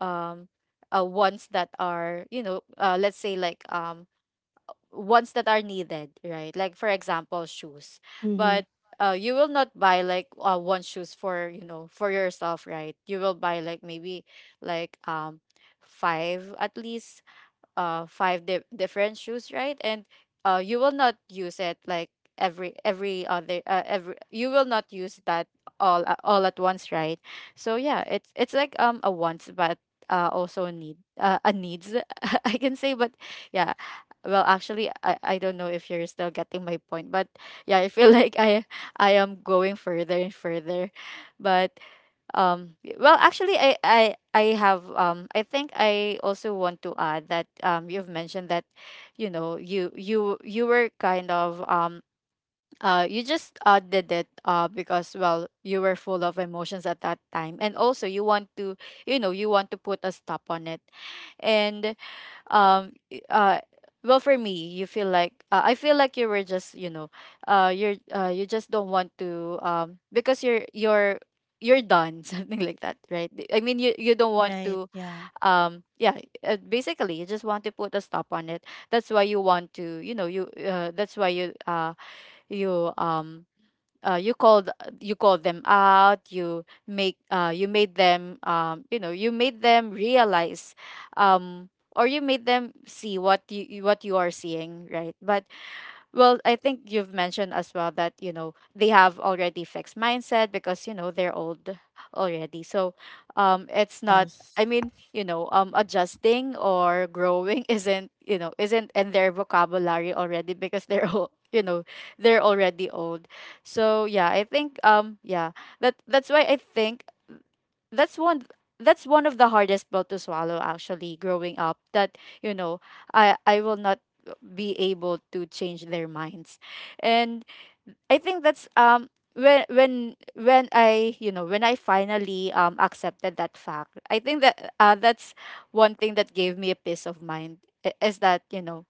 um uh wants that are, you know, uh let's say, like um ones that are needed, right? Like for example, shoes. Mm-hmm. But uh, you will not buy like uh, one shoes for, you know, for yourself, right? You will buy like maybe like um five at least uh five di- different shoes, right? And uh you will not use it like every every other uh, every you will not use that all a- all at once, right? So yeah, it's it's like um a wants but uh also a need, uh, a needs. I can say, but yeah. Well actually I, I don't know if you're still getting my point, but yeah, I feel like i i am going further and further, but um y- well, actually, i i i have um I think I also want to add that um you've mentioned that, you know, you you you were kind of um uh you just uh did it uh because, well, you were full of emotions at that time, and also you want to, you know, you want to put a stop on it. And um i- uh well, for me, you feel like uh, I feel like you were just, you know, uh you're uh you just don't want to, um because you're you're you're done something like that, right? I mean, you you don't want Right. to, Yeah. um yeah. Uh, basically, you just want to put a stop on it. That's why you want to, you know, you uh, that's why you uh you um uh, you called, you called them out. You make uh, you made them um, you know, you made them realize, um, or you made them see what you you- what you are seeing, right? But well, I think you've mentioned as well that, you know, they have already fixed mindset because, you know, they're old already. So um it's not, Yes. I mean, you know, um adjusting or growing isn't, you know, isn't in their vocabulary already because they're all you know, they're already old. So yeah, I think um yeah, that that's why I think that's one that's one of the hardest pill to swallow, actually, growing up, that, you know, i i will not be able to change their minds. And I think that's um when when when i you know, when I finally um accepted that fact, I think that uh, that's one thing that gave me a peace of mind. I- is that, you know,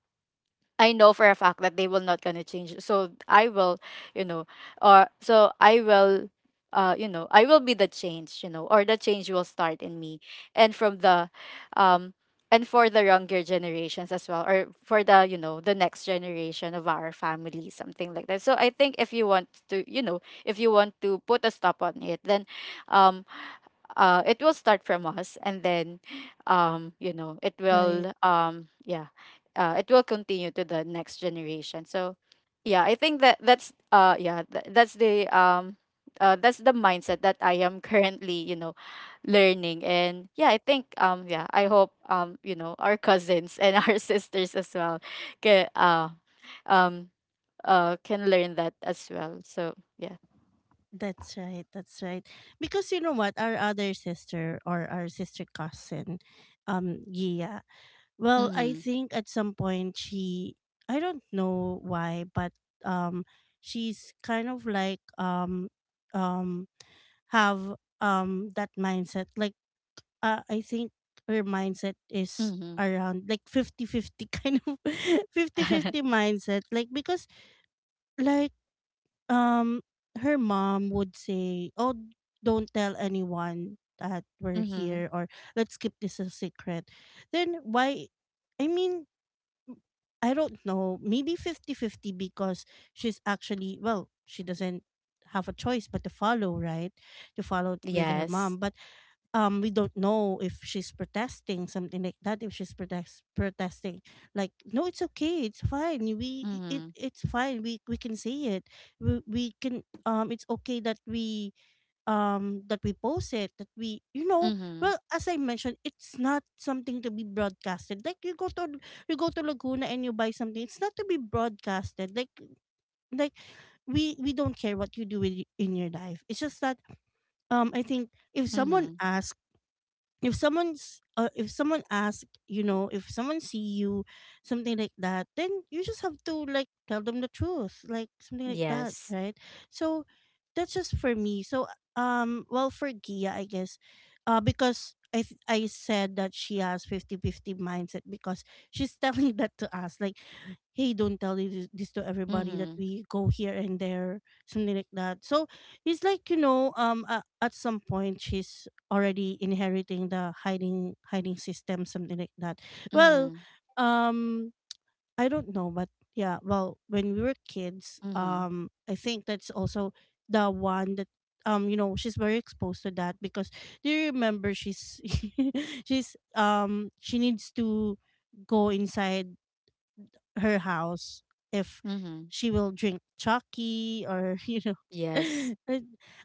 I know for a fact that they will not gonna change. So I will, you know, or so I will, uh, you know, I will be the change, you know, or the change will start in me, and from the, um, and for the younger generations as well, or for the, you know, the next generation of our family, something like that. So I think if you want to, you know, if you want to put a stop on it, then, um, uh it will start from us, and then um you know, it Right. will um yeah, uh it will continue to the next generation. So yeah, I think that that's uh yeah, th- that's the um uh, that's the mindset that I am currently, you know, learning. And yeah, I think um yeah, I hope, um you know, our cousins and our sisters as well can uh um uh can learn that as well. So yeah. That's right. That's right. Because you know what, our other sister, or our sister cousin, um, Gia. Well, I Mm-hmm. think at some point she, I don't know why, but um, she's kind of like, um, um, have um that mindset. Like, uh, I think her mindset is Mm-hmm. around like fifty-fifty kind of fifty-fifty mindset, like, because, like um her mom would say, oh, don't tell anyone that we're Mm-hmm. here, or let's keep this a secret. Then why? I mean, I don't know, maybe fifty-fifty, because she's actually, well, she doesn't have a choice but to follow, right? To follow with her Yes. mom. But um we don't know if she's protesting, something like that, if she's protest protesting. Like, no, it's okay, it's fine, we it, Mhm. it's fine, we we can say it, we, we can um it's okay that we um that we post it, that we, you know, Mhm. well, as I mentioned, it's not something to be broadcasted. Like, you go to you go to Laguna and you buy something, it's not to be broadcasted. like like we we don't care what you do with, in your life. It's just that, um I think if someone Mhm. asks, if someone's uh, if someone asks, you know, if someone see you, something like that, then you just have to like tell them the truth, like, something like that, Yes. right? So that's just for me. So um well, for Gia, I guess, uh because i th- I said that she has fifty fifty mindset because she's telling that to us, like, hey, don't tell this, this to everybody, that Mhm. we go here and there, something like that. So it's like, you know, um uh, at some point, she's already inheriting the hiding hiding system, something like that. Well, Mhm. um I don't know, but yeah, well, when we were kids, Mhm. um I think that's also the one that, um you know, she's very exposed to that. Because do you remember, she's she's um she needs to go inside her house if Mhm. she will drink Chucky, or you know. Yes. I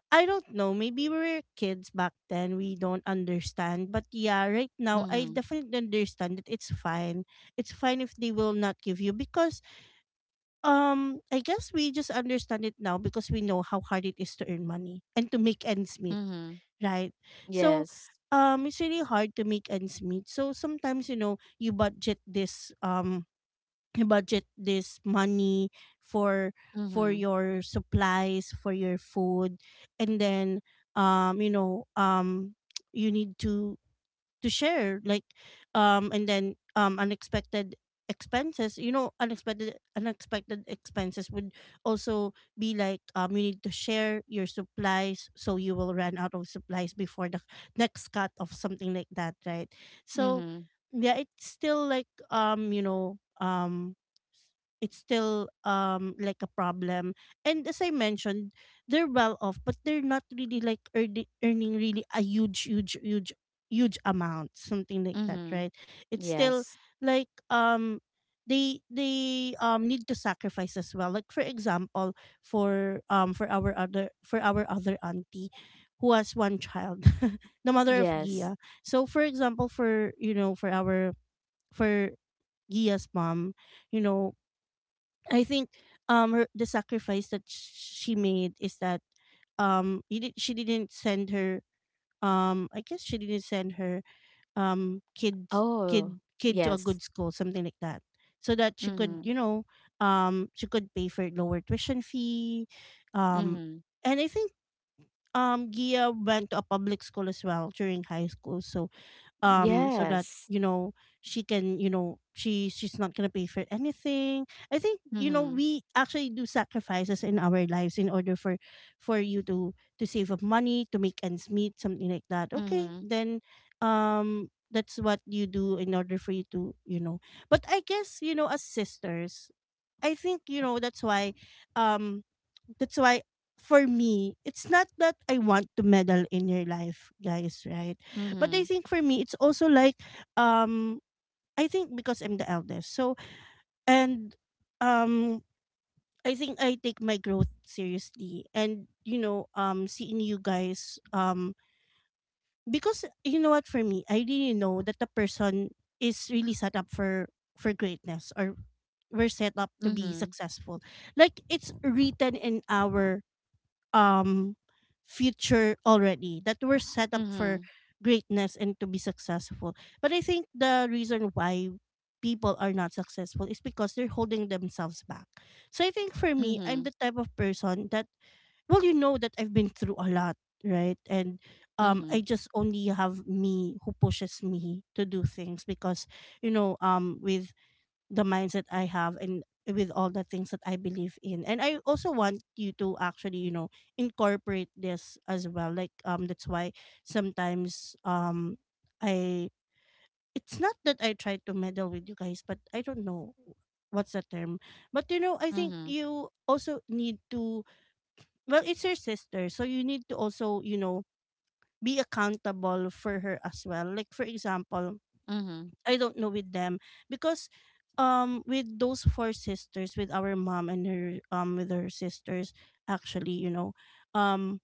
I don't know. Maybe we were kids back then. We don't understand. But yeah, right now, I Mhm. definitely understand that it's fine. It's fine if they will not give you. Because um I guess we just understand it now, because we know how hard it is to earn money and to make ends meet, Mhm. right? So Yes. um it's really hard to make ends meet. So sometimes, you know, you budget this um budget this money for for Mhm. your supplies, for your food. And then um you know, um you need to to share, like, um and then um unexpected expenses, you know, unexpected unexpected expenses would also be like, um you need to share your supplies, so you will run out of supplies before the next cut of, something like that, right? So Mhm. yeah, it's still like, um you know, um it's still um like a problem. And as I mentioned, they're well off, but they're not really like earning, earning really a huge huge huge huge amount, something like that, Mhm. right? It's still Yes. like, um they they um need to sacrifice as well. Like, for example, for um for our other for our other auntie who has one child, the mother of Yes. Gia. So for example, for you know, for our for Gia's mom, you know, I think um her, the sacrifice that she made is that um he did, she didn't send her um I guess she didn't send her um kid Oh, kid kid to a yes. good school, something like that, so that she could, Mhm. you know um she could pay for lower tuition fee. um Mhm. and I think um Gia went to a public school as well during high school, so um so that, Yes. you know, she can you know she she's not gonna pay for anything. I think, you know, Mhm. we actually do sacrifices in our lives in order for for you to to save up money, to make ends meet, something like that. Okay, Mhm. then um that's what you do in order for you to, you know. But I guess, you know, as sisters, I think, you know that's why um that's why for me, it's not that I want to meddle in your life, guys, right? But Mhm. I think for me it's also like, um I think because I'm the eldest. So and um I think I take my growth seriously, and, you know, um seeing you guys, um because, you know what, for me, I really know that the person is really set up for for greatness, or we're set up to be Mhm. successful. Like, it's written in our um future already that we're set up for Mhm. greatness and to be successful. But I think the reason why people are not successful is because they're holding themselves back. So I think for me, I'm Mhm. the type of person that, well, you know that I've been through a lot, right? And um Mhm. I just only have me who pushes me to do things, because, you know, um with the mindset I have and with all the things that I believe in. And I also want you to actually, you know, incorporate this as well. Like, um that's why sometimes, um I it's not that I try to meddle with you guys, but I don't know what's the term. But, you know, I think Mhm. you also need to, well, it's your sister, so you need to also, you know, be accountable for her as well. Like for example, Mhm. I don't know with them, because um with those four sisters, with our mom and her um with her sisters, actually, you know, um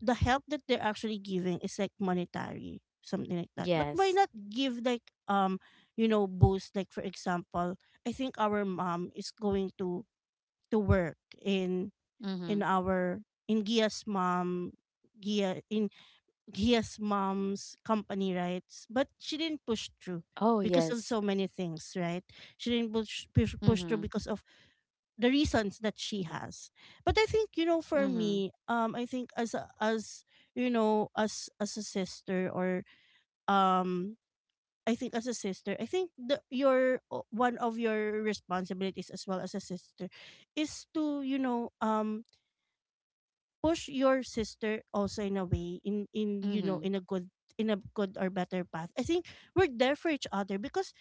the help that they're actually giving is like monetary, something like that. But why Yes. not give like, um you know, boost? Like, for example, I think our mom is going to to work in Mhm. in our in gia's mom gia in Gia's mom's company, right? But she didn't push through Oh, because of yes. so many things, right? She didn't push, push push Mhm. through because of the reasons that she has. But I think, you know, for Mhm. me, um, I think as a, as you know, as as a sister, or um. I think as a sister, I think the, your one of your responsibilities as well as a sister is to, you know, um push your sister also in a way, in in you know, Mhm. in a good, in a good or better path. I think we're there for each other, because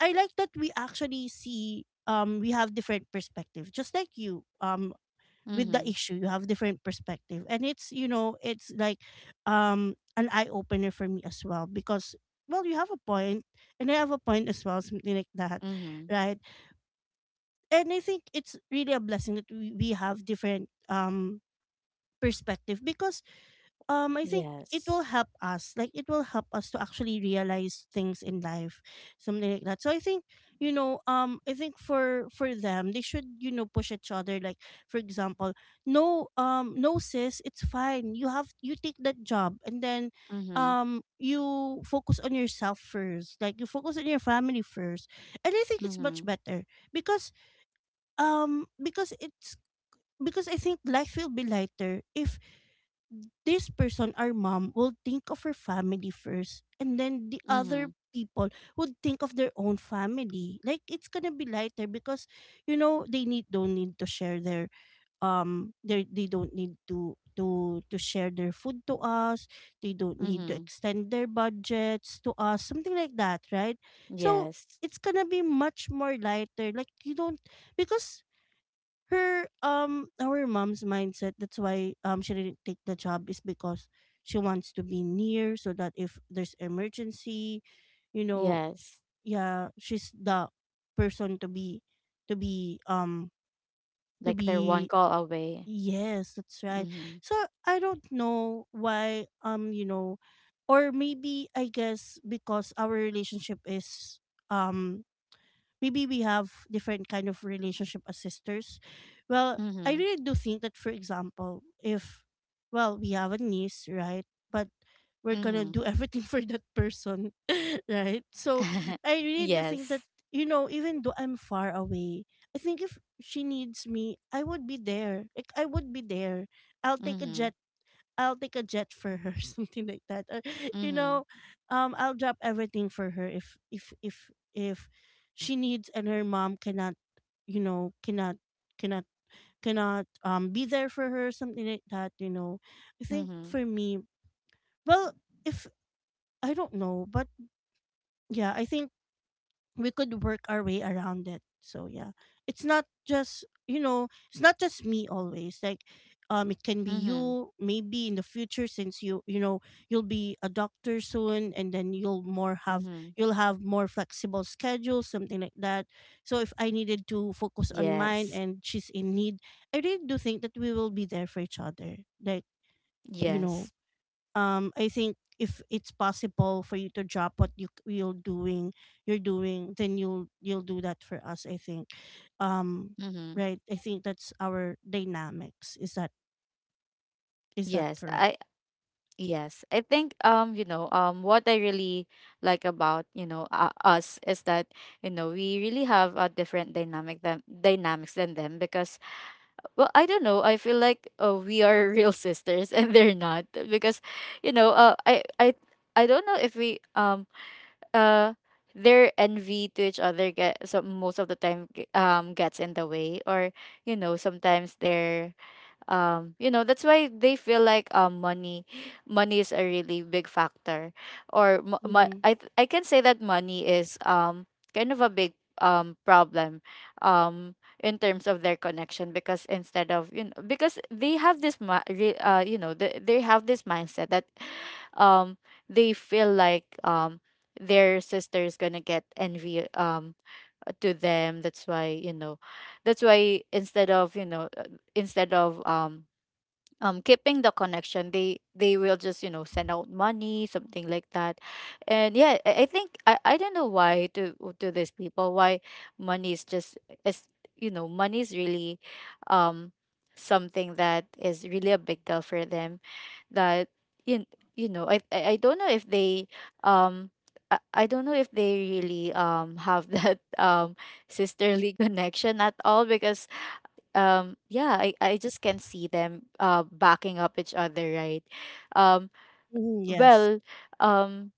I like that we actually see, um we have different perspective, just like you. um Mhm. With the Mhm. issue, you have different perspective, and it's, you know, it's like um an eye opener for me as well, because, well, you have a point, and I have a point as well, something like that, Mm-hmm. right? And I think it's really a blessing that we, we have different um perspective, because um I think it Yes. will help us. Like, it will help us to actually realize things in life, something like that. So I think, you know, um, I think for for them, they should, you know, push each other. Like for example, no, um, no sis, it's fine. You have, you take that job, and then Mm-hmm. um you focus on yourself first, like you focus on your family first, and I think it's Mm-hmm. much better, because um because it's because I think life will be lighter if this person, our mom, will think of her family first, and then the Mm-hmm. other people would think of their own family. Like, it's gonna be lighter, because, you know, they need don't need to share their um they they don't need to to to share their food to us. They don't need to Mm-hmm. extend their budgets to us, something like that, right? So Yes. it's gonna be much more lighter. Like, you don't, because her um our mom's mindset, that's why um she didn't take the job, is because she wants to be near so that if there's emergency, you know, Yes. yeah, she's the person to be to be um to Like they're one be call away. yes, that's right. Mm-hmm. So I don't know why, um you know, or maybe I guess because our relationship is um maybe we have different kind of relationship as sisters. Well, I Mm-hmm. really do think that, for example, if, well, we have a niece, right? But we're gonna Mm-hmm. do everything for that person, right? So I really do think that, Yes. you know, even though I'm far away, I think if she needs me, I would be there, like I would be there. i'll take a Mm-hmm. jet I'll take a jet for her, something like that. Or, you Mm-hmm. know, um, I'll drop everything for her if if if if she needs and her mom cannot, you know, cannot cannot cannot um be there for her, something like that. You know, I think Mm-hmm. for me, well, if I don't know, but yeah, I think we could work our way around it. So yeah, it's not just, you know, it's not just me always. Like, um, it can be Mm-hmm. you maybe in the future, since you you know, you'll be a doctor soon, and then you'll more have Mm-hmm. you'll have more flexible schedules, something like that. So if I needed to focus on mine Yes. and she's in need, I really do think that we will be there for each other. Like, you know, Yes. um I think if it's possible for you to drop what you you're doing you're doing, then you'll you'll do that for us. I think um Mm-hmm. right, I think that's our dynamics, is that, is that Yes. correct? I yes. I think um, you know, um what I really like about, you know, uh, us is that, you know, we really have a different dynamic than dynamics than them. Because, well, I don't know, I feel like uh, we are real sisters and they're not, because, you know, uh, I I I don't know if we um uh their envy to each other get so most of the time, g- um gets in the way. Or, you know, sometimes their um you know, that's why they feel like um money money is a really big factor, or mo- mo- Mm-hmm. I th- I can say that money is um kind of a big um problem um in terms of their connection. Because instead of, you know, because they have this ma- re- uh you know, they, they have this mindset that um they feel like um their sister is gonna get envy um to them. That's why, you know, that's why instead of, you know, uh, instead of um um keeping the connection, they they will just, you know, send out money, something like that. And yeah, i, I think I, I don't know why to to these people why money is just is, you know, money is really um something that is really a big deal for them. That you, you know, I, I i don't know if they um I I don't know if they really um have that um sisterly connection at all. Because um yeah, i i just can see them uh backing up each other, right? um Mm-hmm. Yes. well um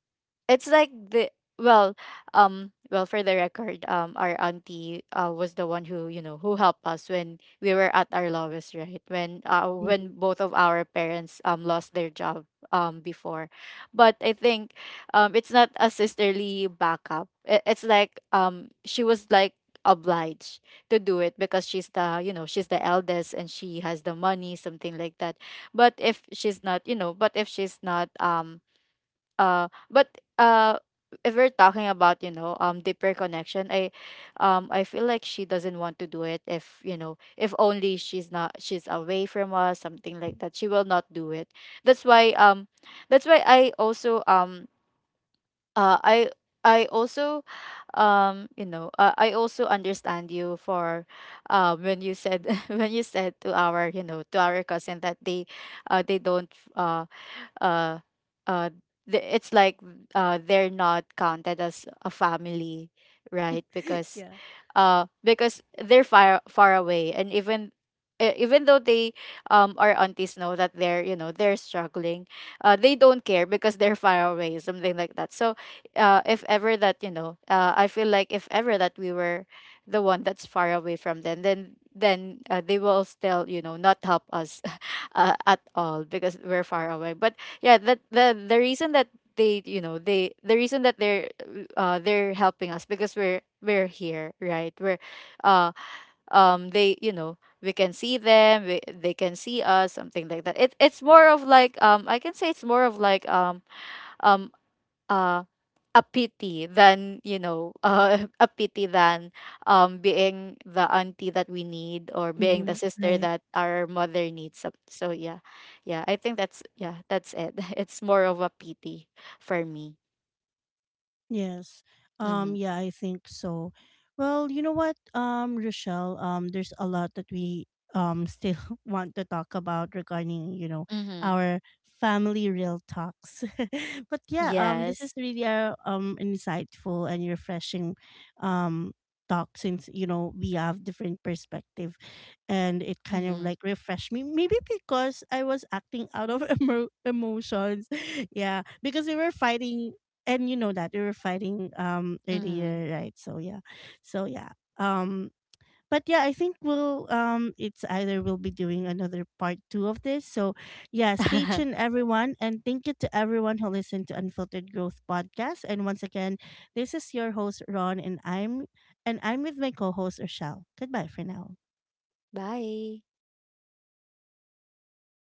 it's like the, well, um well, for the record, um our auntie uh was the one who, you know, who helped us when we were at our lowest, right? When uh when Mm-hmm. both of our parents um lost their job, um before. But I think um it's not a sisterly backup. I- it's like, um she was like obliged to do it because she's the, you know, she's the eldest and she has the money, something like that. But if she's not, you know, but if she's not um uh but uh if we're talking about, you know, um deeper connection, i um I feel like she doesn't want to do it if, you know, if only she's not, she's away from us, something like that, she will not do it. That's why um that's why I also um uh i I also um you know, uh, I also understand you for um when you said when you said to our, you know, to our cousin that they uh they don't uh uh uh th- it's like uh they're not counted as a family, right? Because Yeah. uh because they're far, far away. And even e- even though they, um our aunties know that they're, you know, they're struggling, uh they don't care because they're far away, something like that. So uh if ever that, you know, uh I feel like if ever that we were the one that's far away from them, then then uh, they will still, you know, not help us uh, at all because we're far away. But yeah, that the the reason that they, you know, they the reason that they're uh they're helping us because we're we're here, right? we're uh um they, you know, we can see them, we, they can see us, something like that. It, it's more of like, um I can say it's more of like um um uh a pity than, you know, uh, a pity than um being the auntie that we need or being the Mm-hmm. sister Right. that our mother needs. So, so yeah, yeah, I think that's, yeah, that's it. It's more of a pity for me. Yes. Mm-hmm. Um yeah, I think so. Well, you know what, um Rochelle, um there's a lot that we um still want to talk about regarding, you know, Mm-hmm. our family real talks. But yeah, um this is Yes. really a um insightful and refreshing um talk, since, you know, we have different perspective, and it kind of Mm-hmm. like refreshed me, maybe because I was acting out of emo- emotions. Yeah, because we were fighting, and you know that we were fighting um Mm-hmm. earlier, right? So yeah, so yeah. Um, But yeah, I think we'll, um it's either we'll be doing another part two of this. So yeah, stay tuned everyone, and thank you to everyone who listened to Unfiltered Growth podcast. And once again, this is your host Ron, and I'm and I'm with my co-host Rochelle. Goodbye for now. Bye.